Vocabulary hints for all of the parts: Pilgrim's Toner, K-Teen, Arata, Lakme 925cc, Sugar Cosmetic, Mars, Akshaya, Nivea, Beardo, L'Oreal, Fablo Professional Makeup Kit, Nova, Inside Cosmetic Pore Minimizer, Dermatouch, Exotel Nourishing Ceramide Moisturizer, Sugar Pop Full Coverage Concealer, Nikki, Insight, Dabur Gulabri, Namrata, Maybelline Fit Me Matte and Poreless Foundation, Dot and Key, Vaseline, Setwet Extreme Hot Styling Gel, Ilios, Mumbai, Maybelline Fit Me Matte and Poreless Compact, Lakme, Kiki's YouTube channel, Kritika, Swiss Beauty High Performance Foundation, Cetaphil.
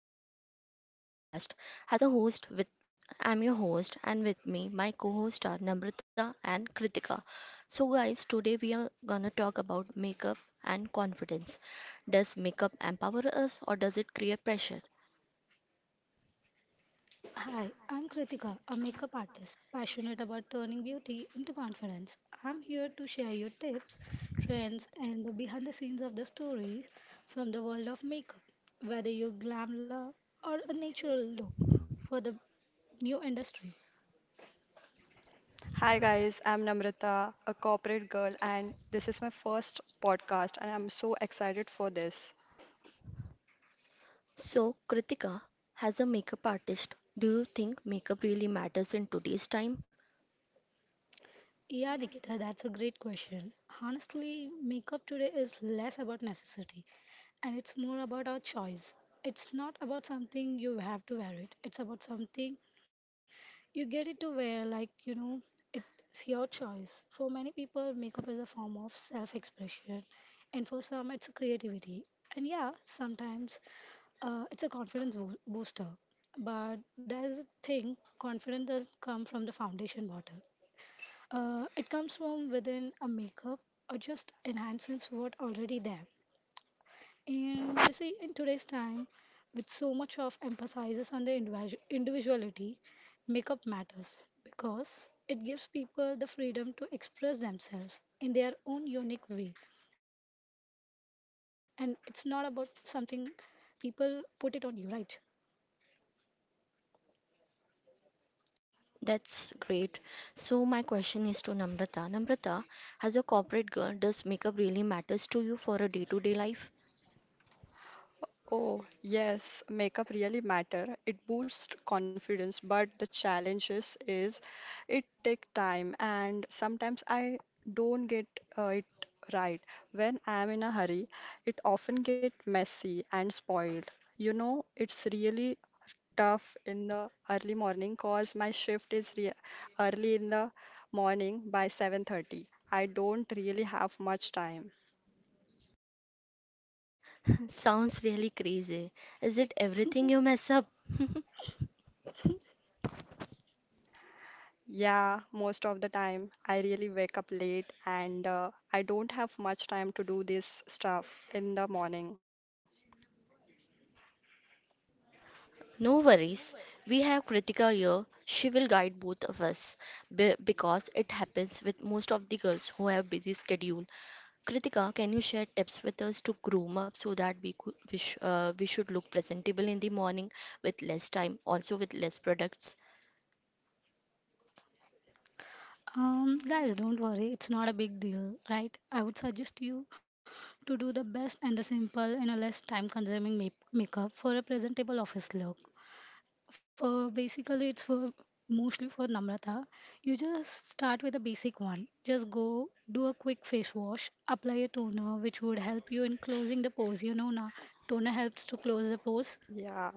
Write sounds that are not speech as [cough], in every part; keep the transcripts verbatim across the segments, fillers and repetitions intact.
This is Nikki's podcast. As a host with I'm your host, and with me my co-host are Namrata and Kritika. So guys, today we are gonna talk about makeup and confidence. Does makeup empower us, or does it create pressure? Hi, I'm Kritika, a makeup artist passionate about turning beauty into confidence. I'm here to share your tips, trends, and the behind the scenes of the stories from the world of makeup, whether you glam love or a natural look for the new industry. Hi guys, I'm Namrata, a corporate girl, and this is my first podcast, and I'm so excited for this. So Kritika, as a makeup artist, do you think makeup really matters in today's time? Yeah, Nikita, that's a great question. Honestly, makeup today is less about necessity and it's more about our choice. It's not about something you have to wear it. It's about something you get it to wear, like, you know, it's your choice. For many people, makeup is a form of self expression, and for some, it's a creativity. And yeah, sometimes uh, it's a confidence boo- booster. But there's a thing, confidence doesn't come from the foundation bottle, uh, it comes from within, a makeup or just enhances what already there. And you see, in today's time, with so much of emphasis on the individu- individuality, makeup matters because it gives people the freedom to express themselves in their own unique way. And it's not about something people put it on you, right? That's great. So my question is to Namrata. Namrata, as a corporate girl, does makeup really matters to you for a day-to-day life? Oh, yes, makeup really matter. It boosts confidence, but the challenges is it take time and sometimes I don't get uh, it right. When I am in a hurry, it often get messy and spoiled. You know, it's really tough in the early morning cause my shift is re early in the morning by seven thirty. I don't really have much time. [laughs] Sounds really crazy. Is it everything you mess up? Yeah, most of the time I really wake up late and uh, I don't have much time to do this stuff in the morning. No worries. We have Kritika here. She will guide both of us be- because it happens with most of the girls who have busy schedule. Kritika, can you share tips with us to groom up so that we could, we, sh- uh, we should look presentable in the morning with less time, also with less products? Um, guys, don't worry, it's not a big deal, right? I would suggest you to do the best and the simple in a less time consuming make- makeup for a presentable office look. For basically, it's for mostly for Namrata. You just start with the basic one. Just go do a quick face wash, apply a toner, which would help you in closing the pores. You know, na Toner helps to close the pores. Yeah.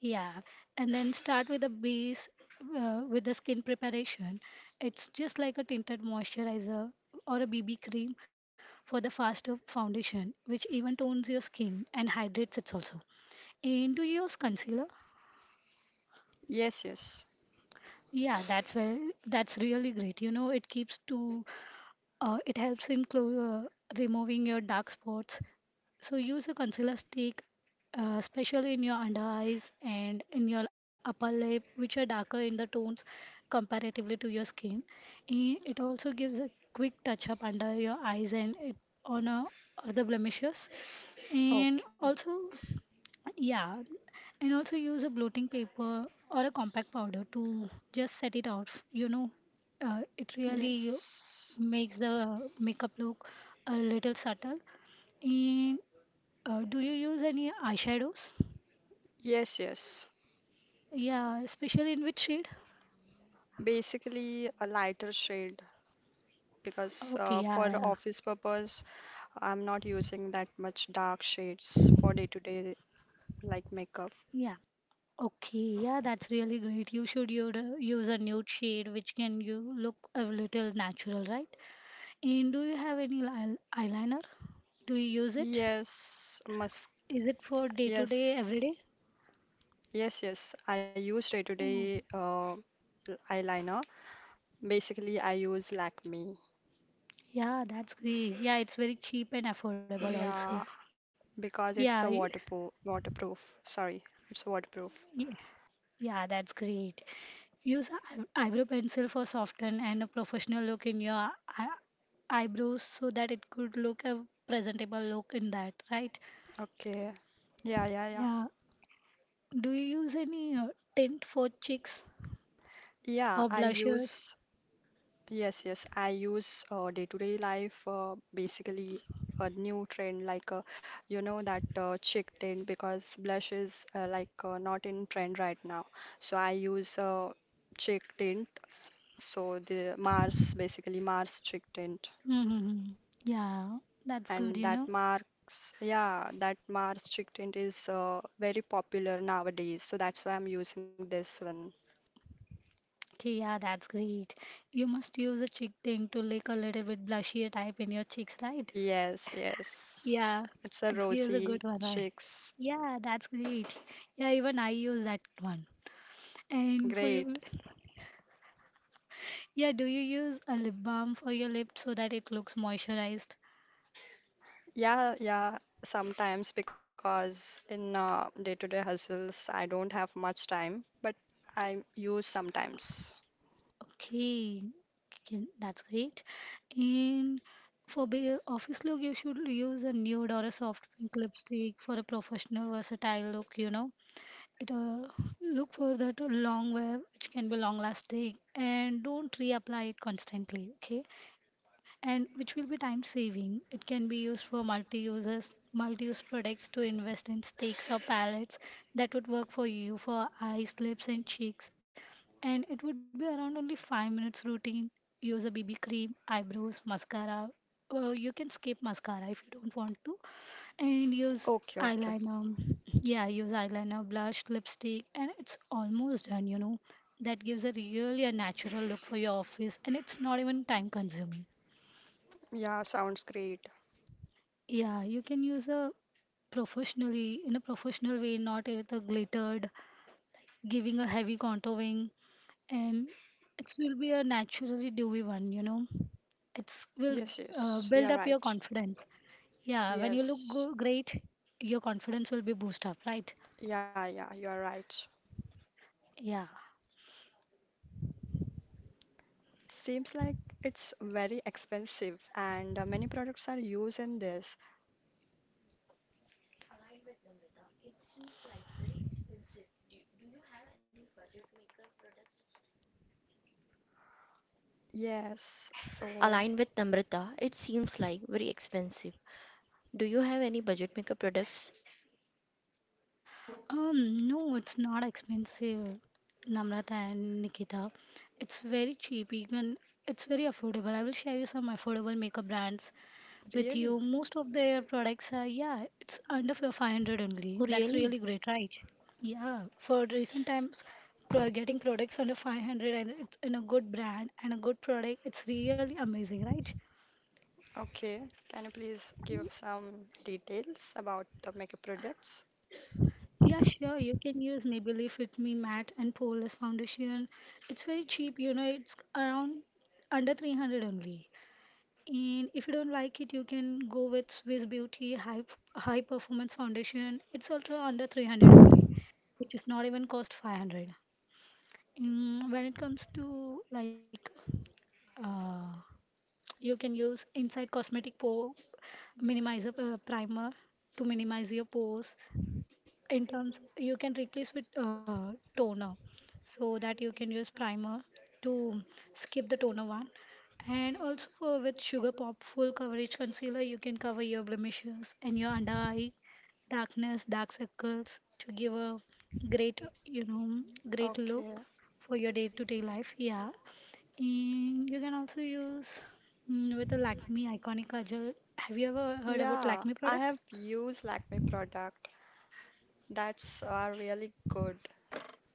Yeah, and then start with the base uh, with the skin preparation. It's just like a tinted moisturizer or a B B cream for the faster foundation, which even tones your skin and hydrates it also. And do you use concealer? Yes, yes. Yeah, that's well. That's really great. You know, it keeps to, uh, it helps in clo- uh, removing your dark spots. So use a concealer stick, uh, especially in your under eyes and in your upper lip, which are darker in the tones comparatively to your skin. Eh, it also gives a quick touch up under your eyes and it on a, other blemishes. Okay. And also yeah, and also use a bloating paper or a compact powder to just set it out. You know, uh, it really Yes. makes the makeup look a little subtle. And uh, do you use any eyeshadows? Yes, yes. Yeah, especially in which shade? Basically a lighter shade because Okay, uh, yeah, for yeah. office purpose I'm not using that much dark shades for day to day like makeup. Yeah. Okay, yeah, that's really great. You should u- use a nude shade which can you look a little natural, right? And do you have any li- eyeliner? Do you use it? Yes, must Is it for day to day, every yes. day? Yes, yes. I use day to Mm. day uh, eyeliner. Basically, I use Lakme. Yeah, that's great. Yeah, it's very cheap and affordable also. Yeah. Because Yeah, it's a y- waterproof. Waterproof. Sorry, it's waterproof. y- yeah, that's great. Use eye- eyebrow pencil for soften and a professional look in your eye eyebrows so that it could look a presentable look in that, right? Okay. Yeah, yeah, yeah. Yeah. Do you use any uh, tint for cheeks Yeah, or I blushes? use. Yes, yes, I use uh, day-to-day life. Uh, basically, a new trend like uh, you know that uh, chick tint because blush is uh, like uh, not in trend right now. So I use uh, chick tint. So the Mars, basically Mars chick tint. Mm-hmm. Yeah, that's good, And you that know. marks, yeah, that Mars chick tint is uh, very popular nowadays, so that's why I'm using this one. Okay, yeah, that's great. You must use a cheek thing to lick a little bit blushier type in your cheeks, right? Yes, yes. Yeah, It's a it gives a rosy good one, right? cheeks. Yeah, that's great. Yeah, even I use that one. And for Great. you, yeah, do you use a lip balm for your lips so that it looks moisturized? Yeah, yeah, sometimes because in uh, day-to-day hustles I don't have much time, but I use sometimes. Okay, okay, that's great. And for the office look, you should use a nude or a soft pink lipstick for a professional, versatile look, you know. It, uh, look for that long wear which can be long lasting and don't reapply it constantly. Okay, and which will be time saving. It can be used for multi users, multi use products to invest in sticks or pallets that would work for you for eyes, lips, and cheeks. And it would be around only five minutes routine. Use a B B cream, eyebrows, mascara. Or you can skip mascara if you don't want to and use Okay, okay. eyeliner. Yeah, use eyeliner, blush, lipstick, and it's almost done, you know. That gives a really a natural look for your office, and it's not even time consuming. Yeah, sounds great. Yeah, you can use a professionally in a professional way, not with a glittered, giving a heavy contouring, and it will be a naturally dewy one. You know, it's will Yes, uh, yes, build you're up your right. confidence. Yeah, when you look go Yes. great, your confidence will be boost up, right? Yeah, yeah, you're right. Yeah. Seems like it's very expensive and uh, many products are used in this. Yes, so Aligned with Namrata, it seems like very expensive. Do you have any budget makeup products? Um, no, it's not expensive, Namrata and Nikita. It's very cheap. You can, it's very affordable. I will share you some affordable makeup brands with really? you. Most of their products are, yeah, it's under fi- five hundred only. Oh, That's really really? great, right? Yeah, for recent times, pro- getting products under five hundred and it's in a good brand and a good product, it's really amazing, right? Okay, can you please Y- give some details about the makeup products? Yeah, sure. You can use Maybelline Fit Me Matte and Poreless Foundation. It's very cheap, you know, it's around under three hundred only. And if you don't like it, you can go with Swiss Beauty High High Performance Foundation. It's also under three hundred only, which is not even cost five hundred. Mm, when it comes to like, uh, you can use Inside Cosmetic Pore Minimizer uh, Primer to minimize your pores, in terms you can replace with uh, toner so that you can use primer to skip the toner one. And also for with Sugar Pop Full Coverage Concealer you can cover your blemishes and your under eye darkness, dark circles, to give a great, you know, great look Okay. for your day to day life. Yeah, and you can also use mm, with the Lakme iconic kajal. Have you ever heard about Yeah, Lakme I have products? used Lakme product. That's are really good,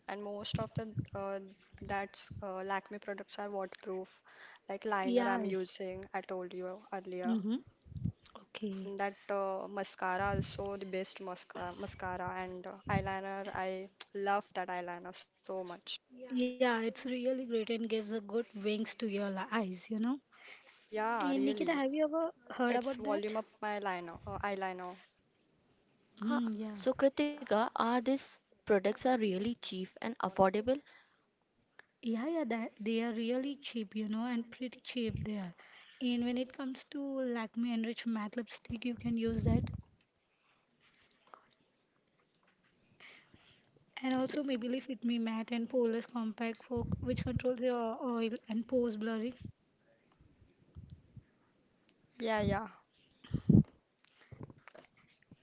and most of the uh, that's uh, Lakme products are waterproof, like liner Yeah. I'm using. I told you earlier. Mm-hmm. And Okay. that uh, mascara is so the best mascara, mascara and uh, eyeliner. I love that eyeliner so much. Yeah, it's really great and gives a good wings to your li- eyes, you know. Yeah, And Nikita, really. have you ever heard It's about volume that? up my liner, uh, eyeliner. Ah, Hmm, so yeah. Kritika, are these products are really cheap and affordable? Yeah, yeah, that they are really cheap, you know, and pretty cheap they are. And when it comes to Lakme Enrich Matte lipstick, you can use that. And Yeah, also Maybelline Fit Me Matte and Poreless Compact for which controls your oil and pores blurring. yeah, yeah.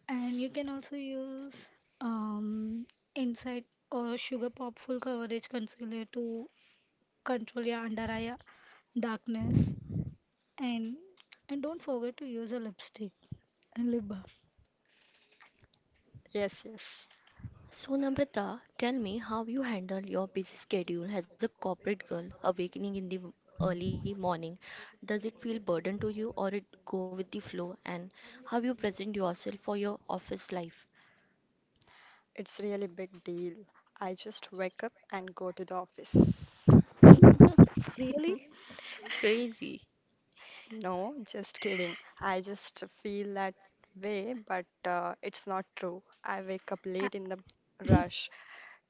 And you can also use um, Insight or Sugar Pop Full Coverage Concealer to control your under eye darkness. And and don't forget to use a lipstick and lip balm. Yes, yes. So Namrata, tell me how you handle your busy schedule as a corporate girl awakening in the m- early morning. Does it feel burden to you, or it go with the flow, and how you present yourself for your office life? It's really big deal. I just wake up and go to the office. Really? [laughs] Crazy. No, just kidding. I just feel that way, but uh, it's not true. I wake up late in the rush,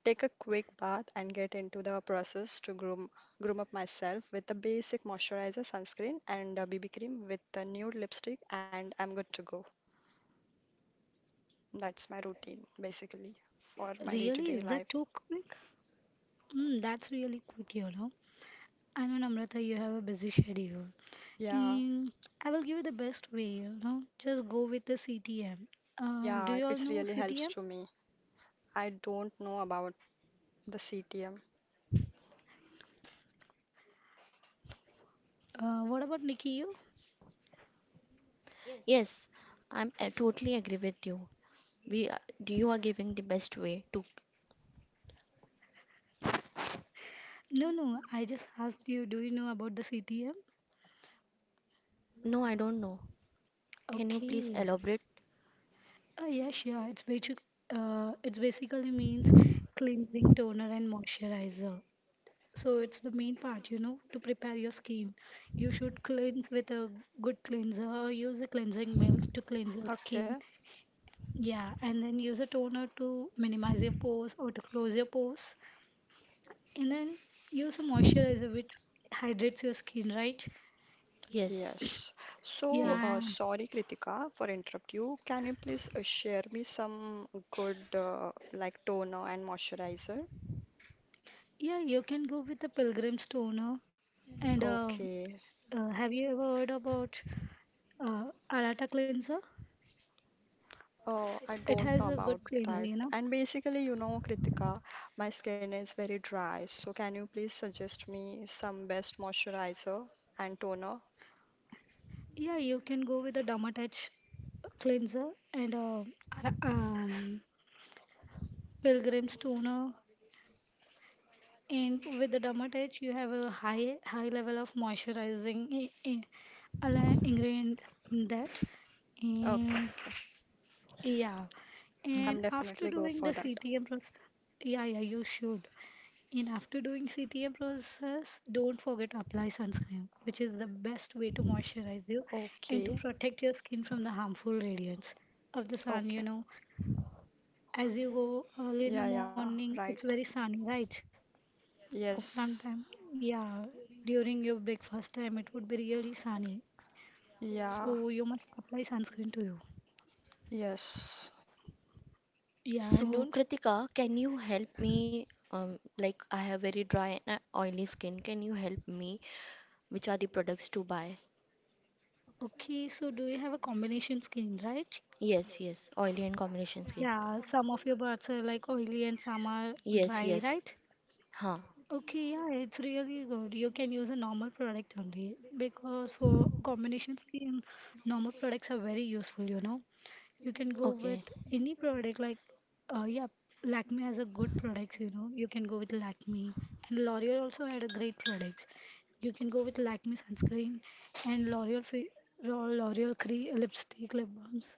take a quick bath and get into the process to groom groom up myself with a basic moisturizer, sunscreen, and a B B cream with a nude lipstick, and I'm good to go. That's my routine basically for my Really? day-to-day Is life. that too quick? Mm, that's really quick, you know. I know, Namrata, you have a busy schedule. Yeah, Mm, I will give you the best way, you know. Just go with the C T M. Uh, do yeah, you all it know really helps C T M? to me. I don't know about the C T M. Uh, what about Nikki? You? Yes, I'm I totally agree with you. We are- you are giving the best way to. No, no, I just asked you, do you know about the C T M? No, I don't know. Can you please Okay. elaborate? Oh, yeah, sure. It's basic, uh, it's basically means cleansing, toner, and moisturizer. So it's the main part, you know, to prepare your skin. You should cleanse with a good cleanser or use a cleansing milk to cleanse your skin. Okay, Yeah, and then use a toner to minimize your pores or to close your pores. And then use a moisturizer which hydrates your skin, right? Yes, yes. So, uh, Yeah, yes. sorry, Kritika, for interrupt you. Can you please uh, share me some good uh, like toner and moisturizer? yeah, you can go with the Pilgrim's Toner. And uh, Okay. uh, have you ever heard about uh, Arata cleanser? Oh, It I has a don't know good about cleanser, you know. that. And basically, you know, Kritika, my skin is very dry. So can you please suggest me some best moisturizer and toner? Yeah, you can go with the Dermatouch cleanser and uh, Ara- um, Pilgrim's Toner. And with the Dermatouch, you have a high high level of moisturizing i- i- ala- ingredient in that. Okay, And okay. yeah, and Hmm. I'm after definitely go doing the for that. C T M process, yeah, yeah, you should. And after doing C T A process, don't forget to apply sunscreen, which is the best way to moisturize you and to Okay, protect your skin from the harmful radiance of the sun. You okay. know, as you go early in the Yeah, yeah, morning, right. it's very sunny, right? Okay. Yes. Sometime, yeah, during your breakfast time, it would be really sunny. Yeah, So you must apply sunscreen to you. yes. Yeah, So, and don't. F- Kritika, can you help me? Um, like I have very dry and uh, oily skin. Can you help me? Which are the products to buy? okay, so do you have a combination skin, right? Yes, yes. Oily and combination skin. Yeah, some of your parts are like oily and some are Yes, dry, yes. right? Huh. Okay, yeah, it's really good. You can use a normal product only because for combination skin, normal products are very useful, you know. You can go Okay. with any product like uh yeah, Lakme has a good products, you know. You can go with Lakme and L'Oreal also had a great products. You can go with Lakme sunscreen and L'Oreal fe- L'Oreal cre lipstick, lip balms.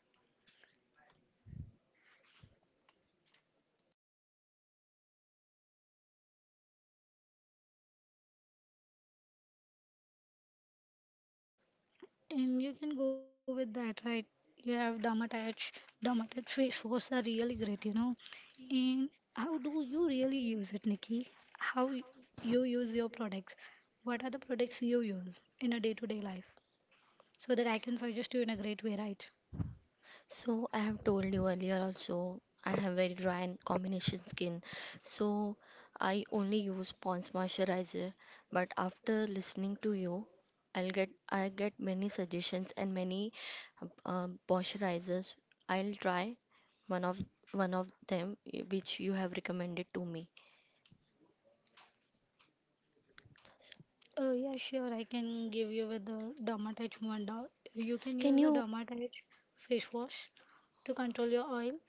And you can go with that, right? You have Dermatouch. Dermatouch face wash are really great, you know. And how do you really use it, Nikki? How y- you use your products? What are the products you use in a day-to-day life? So that I can suggest you in a great way, right? So I have told you earlier also, I have very dry and combination skin. So I only use Pond's moisturizer. But after listening to you, I'll get I get many suggestions and many uh, moisturizers. I'll try one of one of them y- which you have recommended to me. Uh, yeah, sure. I can give you with the Dermatite one dot. You can Can use the you? Dermatite face wash to control your oil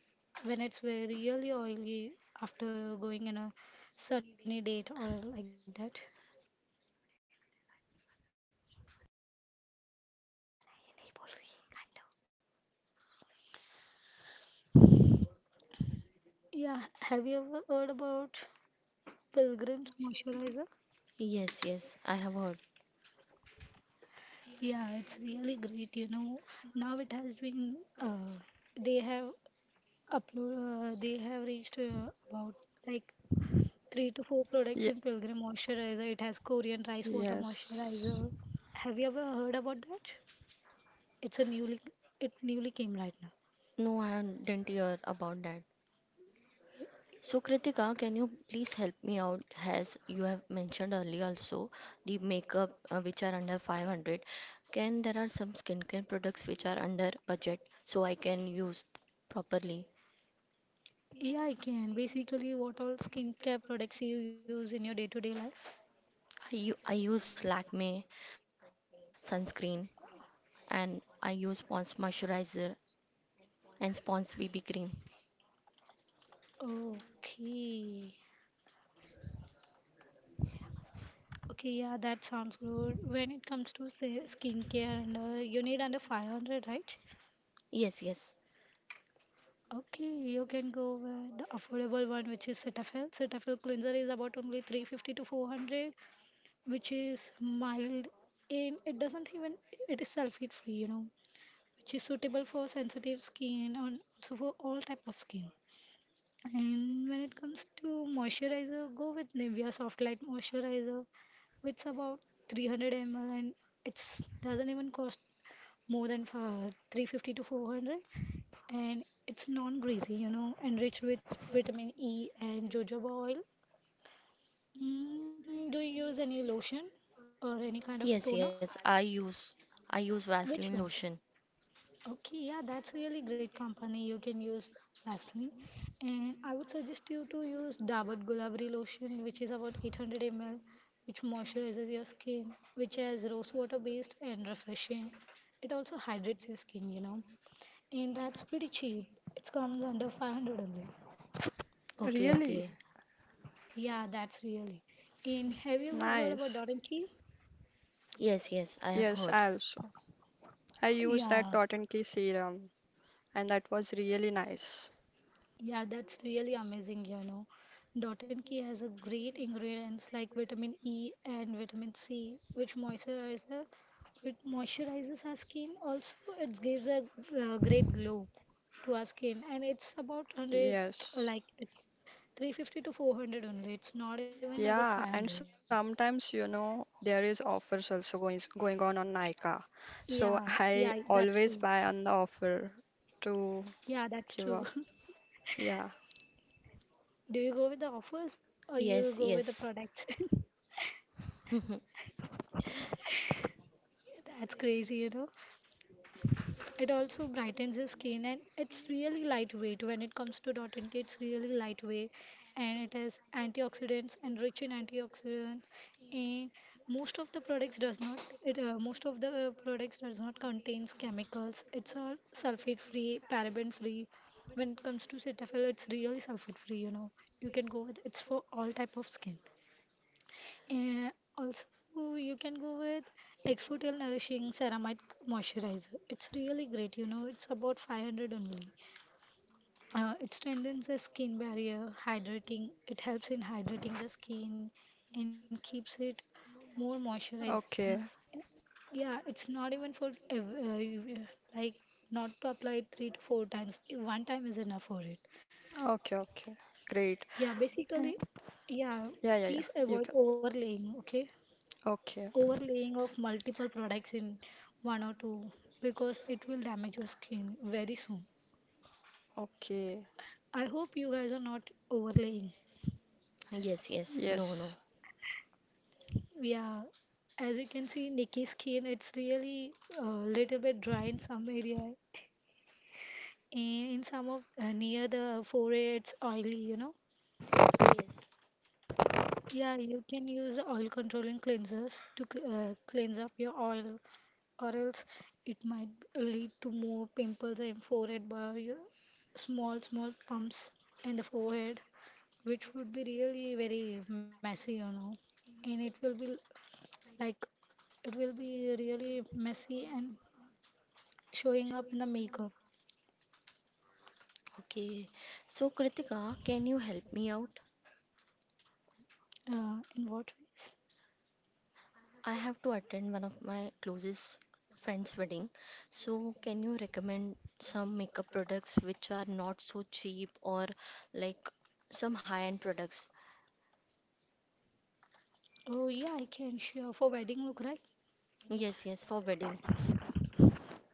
when it's very really oily after going in a sunny date or like that. Yeah, have you ever heard about Pilgrim's moisturizer? Yes, yes, I have heard. Yeah, it's really great, you know. Now it has been uh, they have upload uh, they have reached uh, about like three to four Yeah, products in Pilgrim Moisturizer. It has Korean rice water yes. moisturizer. Have you ever heard about that? It's a newly it newly came right now. No, I didn't hear about that. So, Kritika, can you please help me out? As you have mentioned earlier, also the makeup uh, which are under five hundred, can there are some skincare products which are under budget so I can use properly? Yeah, I can. Basically, what all skincare products you use in your day-to-day life? I, u- I use Lakme sunscreen, and I use Pond's moisturizer and Pond's B B cream. Okay. Okay, yeah, that sounds good. When it comes to say skincare and uh, you need under five hundred, right? Yes, yes, Okay, you can go with the affordable one, which is Cetaphil. Cetaphil cleanser is about only three hundred fifty to four hundred, which is mild, and it doesn't even it is sulfate free, you know which is suitable for sensitive skin and also for all type of skin. And when it comes to moisturizer, go with Nivea soft light moisturizer, which is about three hundred milliliters, and it's doesn't even cost more than for three hundred fifty to four hundred, and it's non-greasy, you know enriched with vitamin E and jojoba oil mm, Do you use any lotion or any kind of toner? yes, yes. I use I use Which Vaseline one? lotion. Okay, yeah, that's really great company. You can use Vaseline. And I would suggest you to use Dabur Gulabri lotion, which is about eight hundred milliliters, which moisturizes your skin, which has rose water based and refreshing. It also hydrates your skin, you know. And that's pretty cheap. It's comes under five hundred only. Okay, okay. Really? Yeah, that's really. And Yes. have you ever heard about Nice. Dot and Key? Yes, yes. I have Yes, heard. I also. I used that Yeah, Dot and Key serum and that was really nice. yeah, that's really amazing, you know. Dotan key has a great ingredients like vitamin E and vitamin C, which moisturizer, which moisturizes our skin. Also, it gives a uh, great glow to our skin, and it's about 100, Yes. like it's three hundred fifty to four hundred only. It's not even about Yeah, and five hundred. sometimes, you know, there is offers also going going on on Nykaa. So Yeah, I yeah, that's always true. buy on the offer to Yeah, that's give true. a [laughs] yeah. Do you go with the offers or Yes, you go with the yes. products? [laughs] [laughs] That's crazy, you know. It also brightens your skin, and it's really lightweight. When it comes to Dot and K, it's really lightweight, and it has antioxidants and rich in antioxidants. And most of the products does not it uh, most of the uh, products does not contains chemicals. It's all sulfate free, paraben free. When it comes to cetaphil, it's really sulfate free, you know. You can go with it's for all type of skin. And also, you can go with Exotel Nourishing Ceramide Moisturizer. It's really great, you know, it's about five hundred only. Uh, it strengthens the skin barrier, hydrating, it helps in hydrating the skin and keeps it more moisturizing. Okay. Yeah, it's not even for ev- uh, you- like not to apply it three to four times. One time is enough for it. Okay, okay. Great. Yeah, Eh, basically, yeah, Yeah, yeah, please yeah. You avoid can. overlaying, okay? Okay. Overlaying of multiple products in one or two, because it will damage your skin very soon. Okay. I hope you guys are not overlaying. Yes, yes. No, no. Yes. Yeah, as you can see, Nikki's skin, it's really a little bit dry in some area, and in some of uh, near the forehead it's oily, you know. Yes. Yeah, you can use oil controlling cleansers to cl- uh, cleanse up your oil, or else it might lead to more pimples and forehead by your small, small pumps in the forehead, which would be really very messy, you know. And it will be like it will be really messy and showing up in the makeup. Okay. So, Kritika, can you help me out? Uh, in what ways? I have to attend one of my closest friend's wedding. So, can you recommend some makeup products which are not so cheap, or like some high-end products? Oh, yeah, I can share for wedding look, right? Yes, yes, for wedding.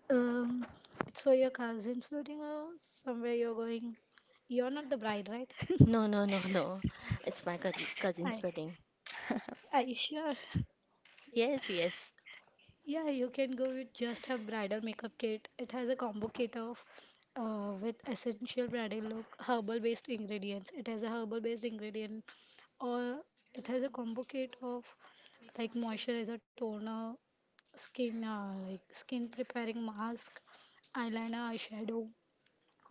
Um, it's for your cousin's wedding or somewhere you're going. You're not the bride, right? No, no, no, no. It's my cousin, [laughs] I, cousin's wedding. are [laughs] you sure? Yes, yes. Yeah, you can go with just a bridal makeup kit. It has a combo kit of uh, with essential bridal look, herbal based ingredients. It has a herbal based ingredient, or it has a combo kit of like moisturizer, toner, skin uh, like skin preparing mask, eyeliner, eyeshadow,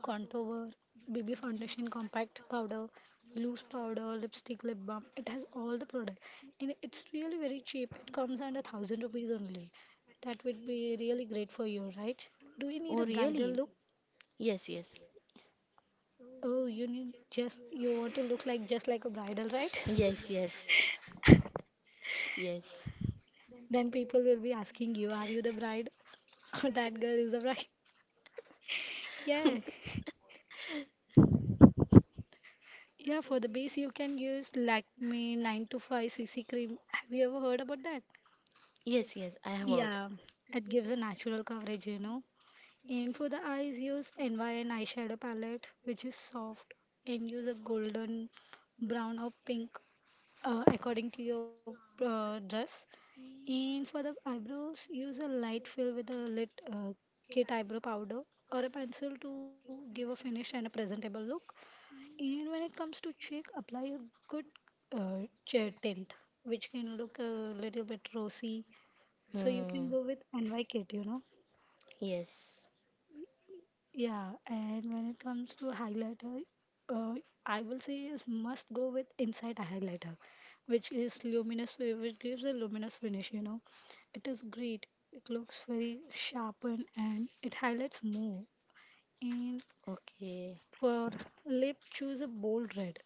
contour, B B foundation, compact powder, loose powder, lipstick, lip balm. It has all the product, and it's really very cheap. It comes under thousand rupees only. That would be really great for you, right? Do you need a Oh, bridal really? look? Yes, yes. Oh, you need just you want to look like just like a bridal, right? [laughs] Yes, yes. Yes. Then people will be asking you, are you the bride? [laughs] Or that girl is the bride. [laughs] Yeah. Yeah, for the base you can use Lakme nine two five c c cream. Have you ever heard about that? Yes, yes. I have heard. Yeah, it gives a natural coverage, you know. And for the eyes, use N Y N eyeshadow palette, which is soft, and use a golden, brown, or pink uh, according to your uh, dress. And for the eyebrows, use a light fill with a lit uh, kit eyebrow powder or a pencil to give a finished and a presentable look. And when it comes to cheek, apply a good uh, che- tint, which can look a little bit rosy, so you Hmm. can go with N Y kit, you know. Yes. Yeah, and when it comes to highlighter, uh, I will say is must go with Insight highlighter, which is luminous, fi- which gives a luminous finish, you know. It is great. It looks very sharpened and it highlights more. And Okay. for lip, choose a bold red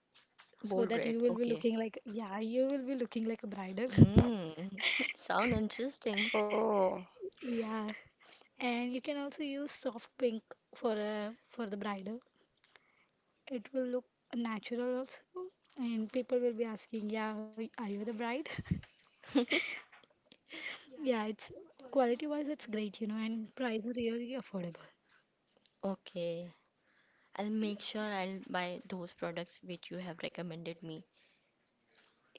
so Bold that you red. will be Okay. looking like, yeah, you will be looking like a bridal. [laughs] Hmm. [laughs] Sound interesting. Oh, Yeah, and you can also use soft pink for a for the bridal. It will look natural also, and people will be asking, "Yeah, are you the bride?" [laughs] [laughs] Yeah, it's quality-wise, it's great, you know, and price is really affordable. Okay. I'll make sure I'll buy those products which you have recommended me.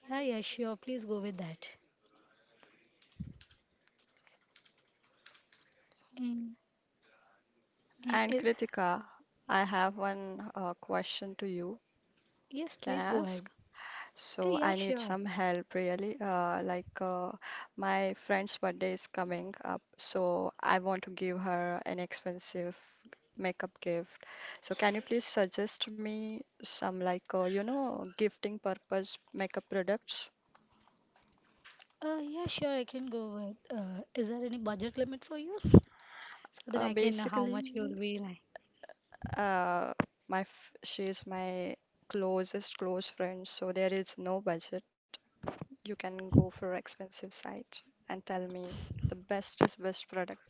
Yeah, yeah, sure. Please go with that. And and uh, and Kritika, I have one uh, question to you. yes, Can please I go ahead. ask? Uh, So yeah, I need sure. some help really. Uh, like uh, my friend's birthday is coming up, so I want to give her an expensive makeup gift. So can you please suggest me some like uh, you know gifting purpose makeup products? Uh, yeah, sure. I can go with. Uh, is there any budget limit for you so that Uh, I can know how Basically, much you'll be like? uh, my f she is my closest close friend, so there is no budget. You can go for expensive side and tell me the best is best product.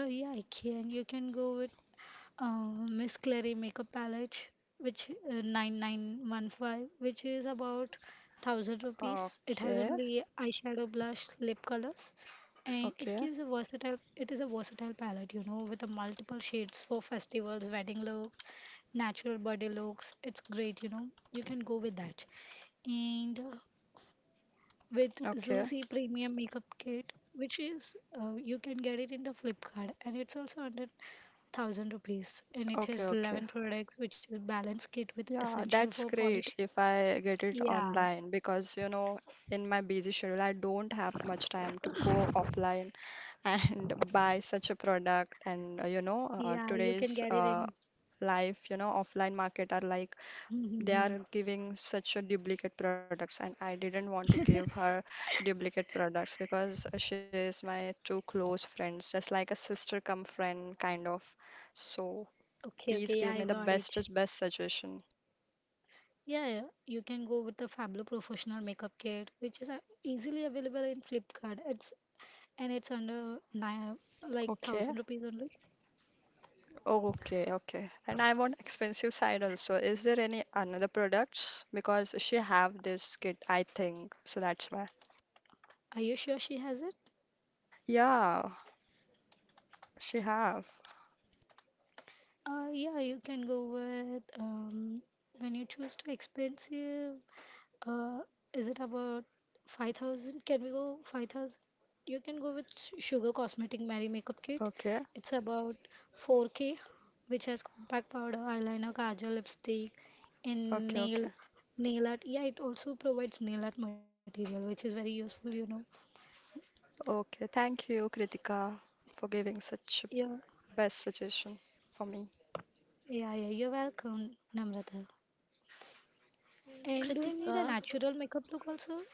Uh, yeah, I can. You can go with uh, Miss Clary Makeup Palette, which uh, nine nine one five, which is about one thousand rupees. It has Okay. only eyeshadow, blush, lip colors, and it Okay, gives a versatile, it is a versatile palette, you know, with a multiple shades for festivals, wedding looks, natural body looks. It's great, you know, you can go with that. And uh, with okay, Zusi Premium Makeup Kit, which is uh, you can get it in the Flipkart, and it's also under thousand rupees. And it has okay, eleven okay. products, which is balance kit with Yeah, essential for that's polish. great if I get it Yeah, online because, you know, in my busy schedule, I don't have much time to go offline and [laughs] buy such a product. And uh, you know, uh, yeah, you can today's get it uh, in. life, you know, offline market are like they are [laughs] giving such a duplicate products, and I didn't want to give her duplicate products because she is my too close friends, just like a sister come friend kind of. So. Okay, Please okay, yeah, give I me the got it. bestest best suggestion. Yeah, yeah, you can go with the Fablo Professional Makeup Kit, which is uh, easily available in Flipkart. It's and it's under nine, like Okay. thousand rupees only. Okay, okay. And I want expensive side also. Is there any another products? Because she have this kit, I think. So that's why. Are you sure she has it? Yeah, she have. Uh, yeah, you can go with um, when you choose to expensive. Uh, is it about five thousand? Can we go five thousand? You can go with Su- Sugar Cosmetic Mary Makeup Kit. Okay. It's about four K, which has compact powder, eyeliner, kajal, lipstick, and Okay, nail okay. nail art. Yeah, it also provides nail art material, which is very useful, you know. Okay. Thank you, Kritika, for giving such a Yeah, best suggestion for me. yeah, yeah. You're welcome, Namrata. And do you need a Kritika, natural makeup look also?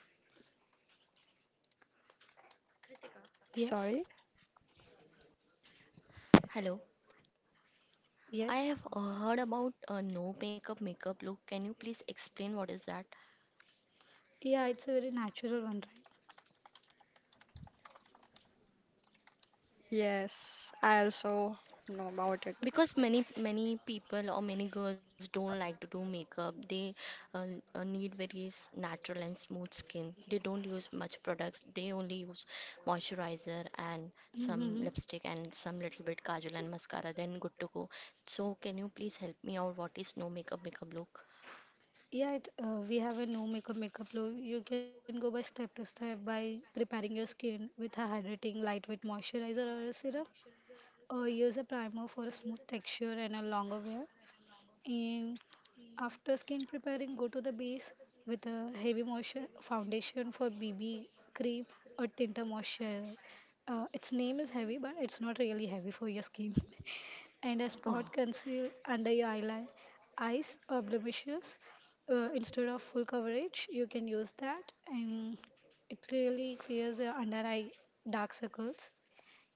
Yes. Sorry? hello. I Yes. have uh, heard about a no makeup makeup look. Can you please explain what is that? Yeah, it's a very natural one, right? Yes, I also know about it. Because many many people or many girls don't like to do makeup. They uh, uh, need very s- natural and smooth skin. They don't use much products. They only use moisturizer and some Mm-hmm. lipstick and some little bit kajal and mascara, then good to go. So can you please help me out, what is no makeup makeup look? Yeah, it, uh, we have a no makeup makeup look. You can go by step to step by preparing your skin with a hydrating lightweight moisturizer or a serum, or use a primer for a smooth texture and a longer wear. And after skin preparing, go to the base with a heavy moisture foundation for B B cream or tinted moisturizer. Uh, its name is heavy, but it's not really heavy for your skin. [laughs] And a Oh, spot conceal under your eyelid. Eyes or blemishes, uh, instead of full coverage, you can use that, and it really clears your under eye dark circles.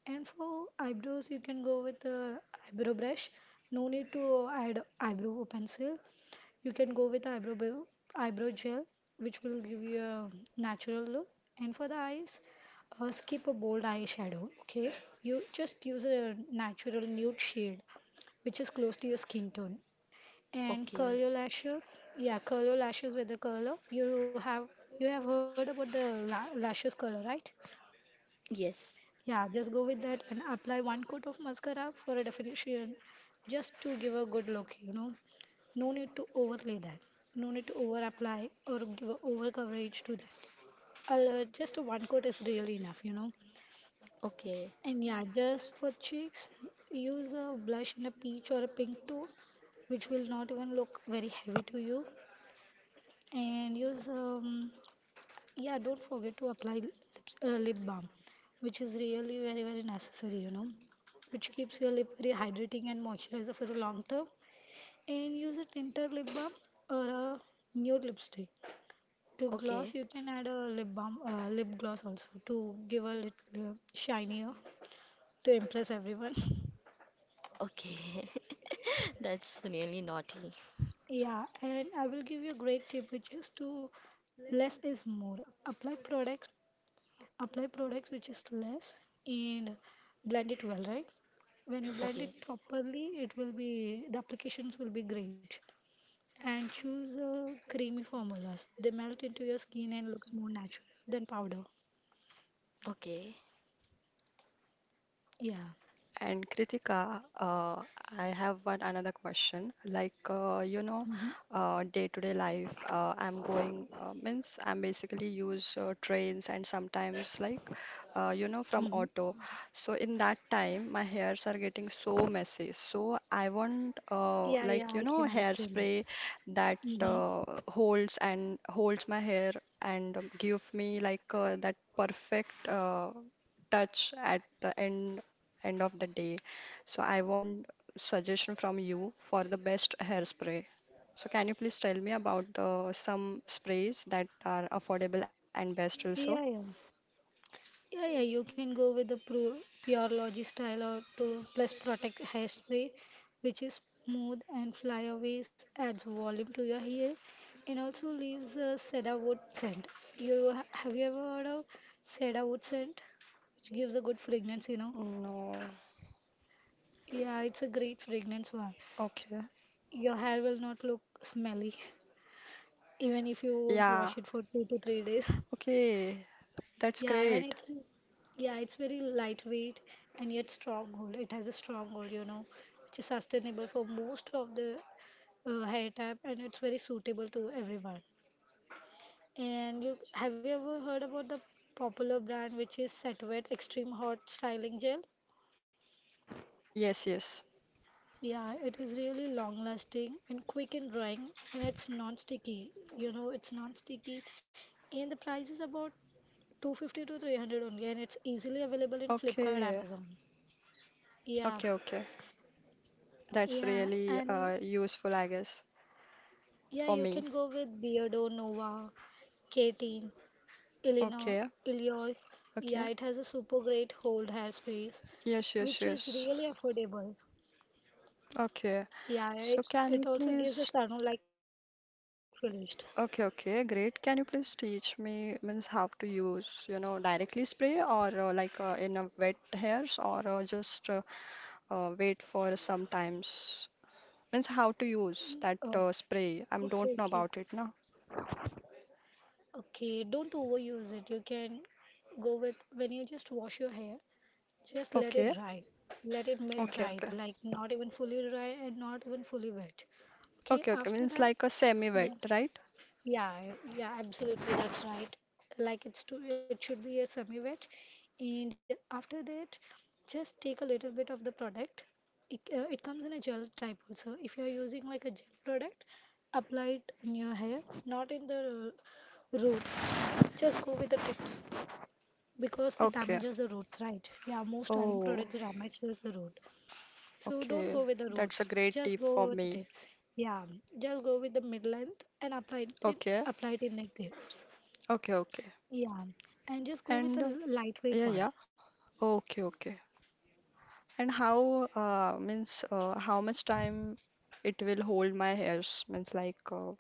And for eyebrows, you can go with the eyebrow brush. No need to add eyebrow pencil. You can go with eyebrow bo- eyebrow gel, which will give you a natural look. And for the eyes, uh, skip a bold eyeshadow. Okay, you just use a natural nude shade, which is close to your skin tone. And curl okay. your lashes. Yeah, curl your lashes with the curler. You have you have heard about the la- lashes curler, right? Yes. Yeah, just go with that and apply one coat of mascara for a definition, just to give a good look, you know. No need to overlay that. No need to over apply or give a over coverage to that. Uh, just one coat is really enough, you know. Okay. And yeah, just for cheeks, use a blush in a peach or a pink tone, which will not even look very heavy to you. And use um, yeah, don't forget to apply lips, uh, lip balm, which is really very, very necessary, you know, which keeps your lip very hydrating and moisturizer for a long term. And use a tinted lip balm or a nude lipstick. To gloss, Okay. you can add a lip balm, uh, lip gloss also to give a little uh, shinier to impress everyone. [laughs] Okay. [laughs] That's really naughty. Yeah, and I will give you a great tip, which is to less is more. Apply products apply products which is less and blend it well, right? When you Okay. blend it properly, it will be the applications will be great. And choose uh, creamy formulas. They melt into your skin and looks more natural than powder. Okay. Yeah. And Kritika, uh, I have one another question. Like, uh, you know, Mm-hmm. uh, day-to-day life, uh, I'm going, uh, means I'm basically use uh, trains and sometimes like, uh, you know, from Mm-hmm. auto. So in that time, my hairs are getting so messy. So I want, uh, Yeah, like, you yeah, know, I can understand hairspray that. that Mm-hmm. uh, holds and holds my hair and give me like uh, that perfect uh, touch at the end end of the day. So I want suggestion from you for the best hairspray. So can you please tell me about the some sprays that are affordable and best also? Yeah, yeah. Yeah, yeah, you can go with the pru- pure logi style or to plus protect hairspray, which is smooth and flyaways, adds volume to your hair, and also leaves a cedar wood scent. You ha- have you ever heard of cedar wood scent, which gives a good fragrance, you know? No. Yeah, it's a great fragrance one. Okay. Your hair will not look smelly, [laughs] even if you won't Yeah. wash it for two to three days. Okay. That's Yeah, and great. it's yeah, it's very lightweight and yet strong gold. It has a strong gold, you know, which is sustainable for most of the uh, hair type, and it's very suitable to everyone. And you have you ever heard about the popular brand which is Setwet Extreme Hot Styling Gel? Yes, yes. Yeah, it is really long lasting and quick in drying, and it's non-sticky. You know, it's non-sticky, and the price is about two fifty to three hundred only, and it's easily available in Flipkart, Okay. Amazon. Yeah. Okay, okay. That's Yeah, really and uh, useful, I guess, yeah, for you me. can go with Beardo, Nova, K-Teen, Illinois, Okay. Ilios. Yeah, Okay. it has a super great hold hairsprays, Yes, yes, which is yes. really affordable. Okay. Yeah, So it can you it also gives a please. salon like finish. Okay, okay, great. Can you please teach me means how to use, you know, directly spray or uh, like uh, in a wet hairs or uh, just uh, uh, wait for some times? Means how to use Mm, that uh, Oh, spray. I don't okay, know okay, about it now. okay. Don't overuse it. You can go with when you just wash your hair, just let it Okay, dry. Let it mid okay, dry, okay, like not even fully dry and not even fully wet. Okay, okay, okay. after Means that. like a semi-wet, Yeah. right? Yeah, yeah, absolutely. That's right. Like it's to, it should be a semi-wet, and after that, just take a little bit of the product. It, uh, it comes in a gel type also. If you are using like a gel product, apply it in your hair, not in the uh, roots. Just go with the tips because it Okay. damages the roots, right? Yeah, most styling Oh, products damages the root. So don't okay. go with the That's a roots, great just tip for go with the me. tips. Yeah, just go with the mid length and apply it Okay, apply it in like tips. okay, okay. Yeah, and just go with the And uh, lightweight yeah, one. yeah. Okay, okay. And how uh, means uh, how much time it will hold my hairs means like uh,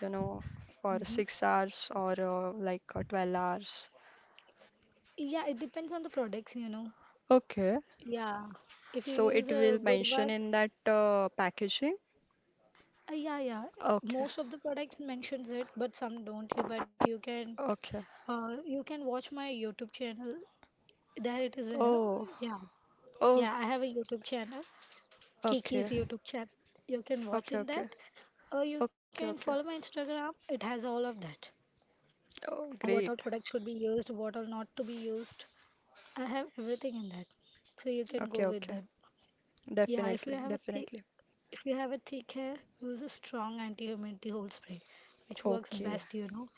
you know for Hmm. six hours or uh, like uh, twelve hours. Yeah, it depends on the products, you know. Okay, Yeah, if you so use it a will good mention one, in that uh, packaging. uh, yeah, yeah. Okay, Most of the products mentions it, but some don't. You but you can, okay. uh, you can watch my YouTube channel. There it is. Uh, Oh, yeah, oh, g- yeah. I have a YouTube channel. Kiki's okay, YouTube channel. You can watch okay, in that, okay, or you okay, can follow okay. my Instagram. It has all of that. Oh, What all great. products should be used, what all not to be used. I have everything in that, so you can go Okay, with that. okay. Yeah, if you Definitely, have a thick, definitely. if you have a thick hair, use a strong anti-humidity hold spray, which works Okay, best, you know.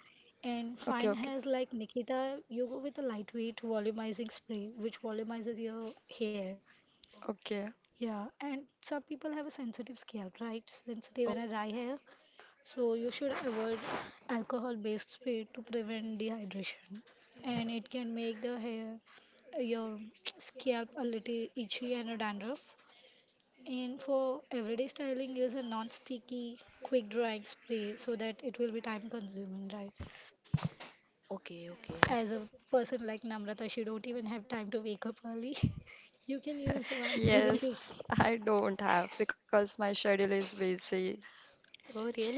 And fine okay, okay, hairs like Nikita, you go with a lightweight volumizing spray, which volumizes your hair. okay. Okay. Yeah, and some people have a sensitive scalp, right? Sensitive and a dry hair. So you should avoid alcohol-based spray to prevent dehydration. And it can make the hair, Your [tsk] scalp a little itchy and a dandruff. And for everyday styling, use a non-sticky, quick-drying spray so that it will be time-consuming, right? Okay. As Okay. a person like Namrata, she don't even have time to wake up early. [laughs] You can use [laughs] one which is. Yes, I don't have because my schedule is busy. Oh, really?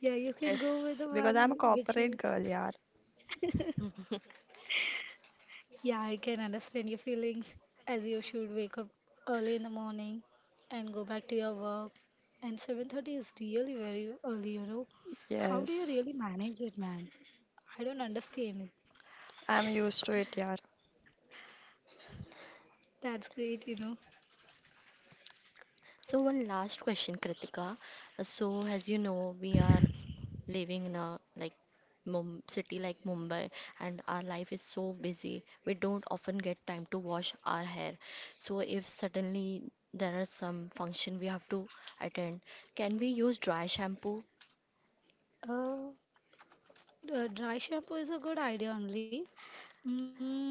Yeah, you can go with the Yes, because I'm a one which corporate is. girl, yaar. [laughs] Yeah, I can understand your feelings as you should wake up early in the morning and go back to your work. And seven thirty is really very early, you know. How do you Yes, really manage it, man? I don't understand it. I'm used to it, yaar. That's great, you know. So one last question, Kritika. Uh, So as you know, we are living in a like Mum city like Mumbai, and our life is so busy. We don't often get time to wash our hair. So if suddenly there are some function we have to attend, can we use dry shampoo? Uh, uh, dry shampoo is a good idea only. Mm,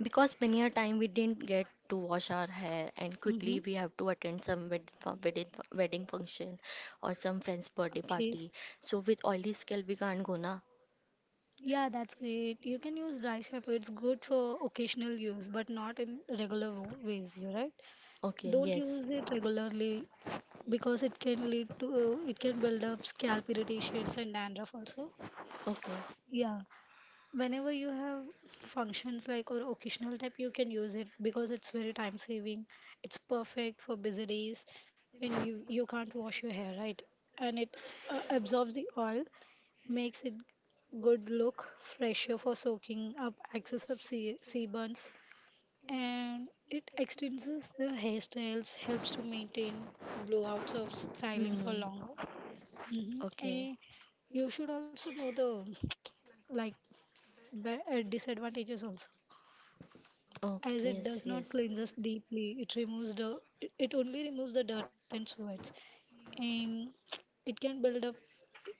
Because many a time we didn't get to wash our hair, and mm-hmm. quickly we have to attend some wed fu- wedding fu- wedding function or some friend's birthday Okay. party. So with oily scalp we can't go na. Yeah, that's great. You can use dry shampoo. It's good for occasional use, but not in regular wo- ways, you're right? Don't Okay, use yes. it regularly because it can lead to it can build up scalp irritations and dandruff also. Okay. Yeah. Whenever you have functions like or occasional type, you can use it because it's very time saving. It's perfect for busy days when you you can't wash your hair, right? And it uh, absorbs the oil, makes it good look, fresher for soaking up excess of sea, seaburns, and it extends the hairstyles, helps to maintain blowouts of styling for longer. Hmm. Hmm. And Okay. you should also know the like but uh, disadvantages also Okay. as it Yes. does Yes. not cleanse us deeply. It removes the it it only removes the dirt and sweats, and it can build up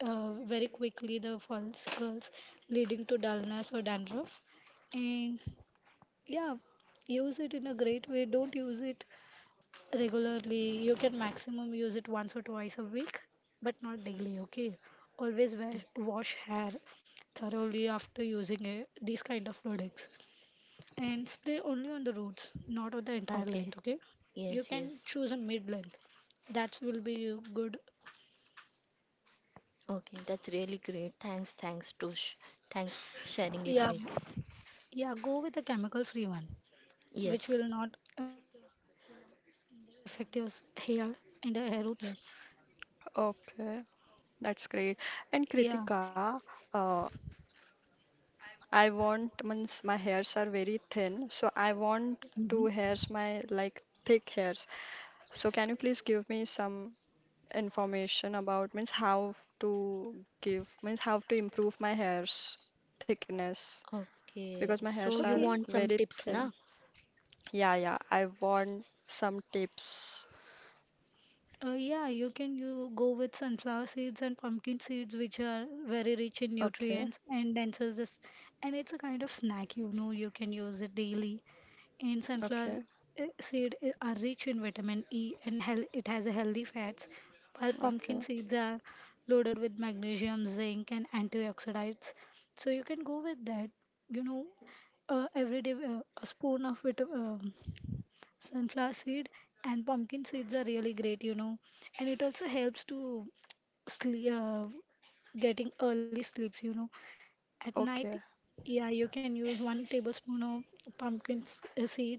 uh, very quickly the follicles, leading to dullness or dandruff. And yeah, use it in a great way. Don't use it regularly. You can maximum use it once or twice a week, but not daily. Okay, always wash, Mm. wash hair thoroughly after using it, these kind of products, and spray only on the roots, not on the entire length. Okay. Okay, you Yes. can Yes. choose a mid length. That will be good. Okay. That's really great. Thanks. Thanks, Tush. Thanks for sharing Yeah, with me. yeah. Go with a chemical-free one, which will Yes. not affect your s- hair and the hair roots. Yes. Okay, that's great. Yeah. And Kritika, uh, I want means my hairs are very thin, so I want to Hmm. hairs my like thick hairs. So can you please give me some information about means how to give means how to improve my hairs thickness? Okay. Because my So hairs you are Okay. want some very tips thin. now? Yeah, yeah, I want some tips. Uh, yeah, you can you go with sunflower seeds and pumpkin seeds, which are very rich in Okay, nutrients and denser. This, and it's a kind of snack. You know, you can use it daily. And okay, sunflower eh, seed i- are rich in vitamin E and hel it has a healthy fats, while okay, pumpkin seeds are loaded with magnesium, zinc, and antioxidants. So you can go with that. You know, uh, every day uh, a spoon of vit- um, sunflower seed and pumpkin seeds are really great. You know, and it also helps to sleep, uh, getting early sleeps. You know, at night, okay, yeah, you can use one tablespoon of pumpkin s- uh, seed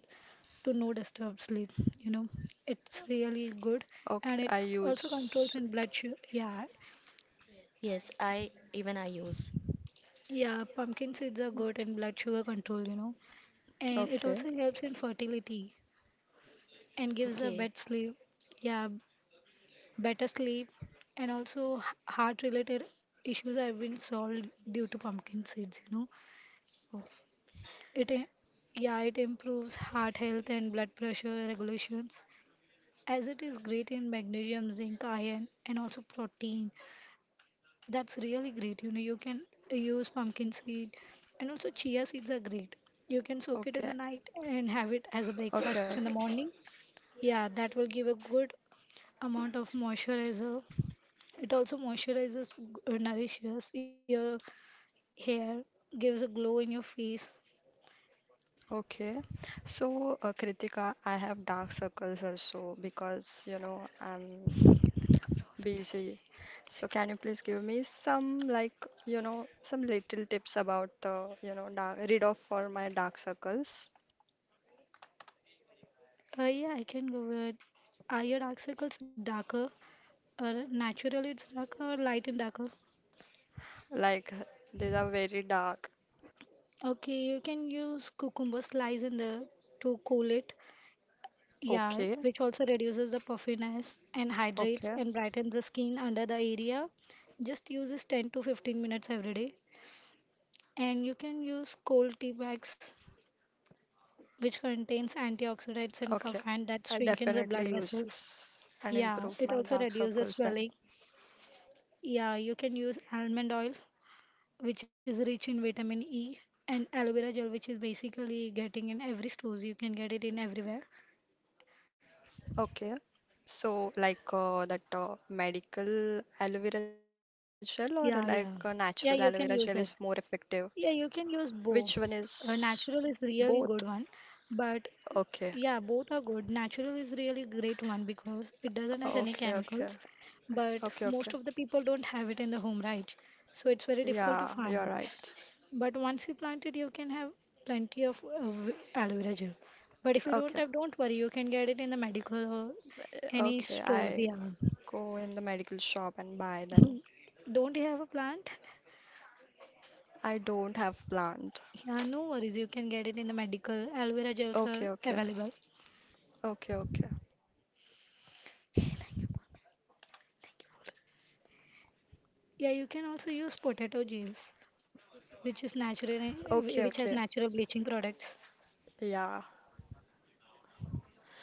to no disturb sleep. You know, it's really good, okay. and I it's also use. controls in blood sugar. Yeah, Yes. I even I use. yeah, pumpkin seeds are good in blood sugar control. You know, and it Okay, also helps in fertility and gives a better Okay. sleep. Yeah, better sleep, and also heart-related issues have been solved due to pumpkin seeds. You know, Oh, It, i- yeah, it improves heart health and blood pressure regulations as it is great in magnesium, zinc, iron, and also protein. That's really great. You know, you can use pumpkin seed, and also chia seeds are great. You can soak it in the okay, night and have it as a okay, breakfast in the okay. morning. Yeah, that will give a good amount of moisturizer. It also moisturizes, uh, nourishes your hair, gives a glow in your face. Okay. So, uh, Kritika, I have dark circles also because you know I'm busy. So, can you please give me some like you know some little tips about the you know dark read off for my dark circles? Uh, yeah, I can go with. Are your dark circles darker or natural? It's darker or light and darker? Like these are very dark. Okay, you can use cucumber slice in the to cool it. Yeah, Okay. which also reduces the puffiness and hydrates Okay, and brightens the skin under the area. Just use this ten to fifteen minutes every day. And you can use cold tea bags, which contains antioxidants and okay. caffeine that I shrinkens the blood definitely use vessels. this and Yeah, improve it my also dark reduces circles then. swelling. Yeah, you can use almond oil which is rich in vitamin E, and aloe vera gel, which is basically getting in every stores. You can get it in everywhere. Okay. So like uh, that uh, medical aloe vera gel or Yeah, like yeah. uh, Yeah, natural you aloe can vera gel use it. is more effective. Yeah, you can use Which both. one Uh, is natural is really both? good one, but Okay. yeah, both are good. Natural is really great one because it doesn't has Okay, any okay. chemicals, Okay, but okay. most of the people don't have it in the home, right? So it's very difficult Yeah, to you're find. right. But once you plant it, you can have plenty of uh, v- aloe vera gel. But if you don't Okay. have, don't worry, you can get it in the medical or any Okay, stores. I Yeah. go in the medical shop and buy then. Don't you have a plant? I don't have plant. Yeah, no worries, you can get it in the medical. Aloe vera gels are Okay, okay. available. Okay, okay. Yeah, you can also use potato juice, which is natural, eh, Okay, which has okay. natural bleaching products. Yeah.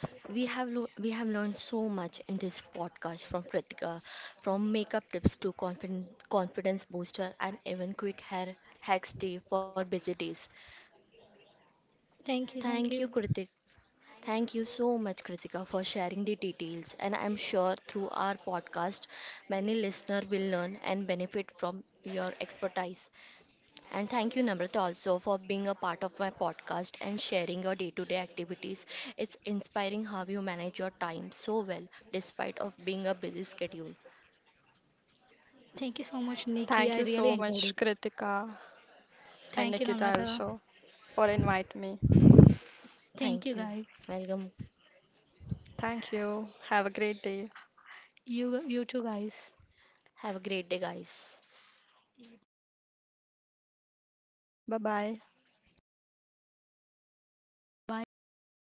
we have lo- we have learned so much in this podcast from Kritika, from makeup tips to confidence confidence booster, and even quick hair hacks tea for busy days. Thank you, thank Thank you, you. Kritika. Thank you so much, Kritika, for sharing the details. And I'm sure through our podcast, many listeners will learn and benefit from your expertise. And thank you, Namrata, also for being a part of my podcast and sharing your day-to-day activities. It's inspiring how you manage your time so well, despite of being a busy schedule. Thank you so much, Thank you Nikki. I so really much, enjoyed it. Kritika and Thank Nikita you, also Namrata. for invite me. Thank you, Thank you. guys. Welcome. Thank you. Have a great day. You, you too, guys. Have a great day, guys. Bye bye. Bye, all.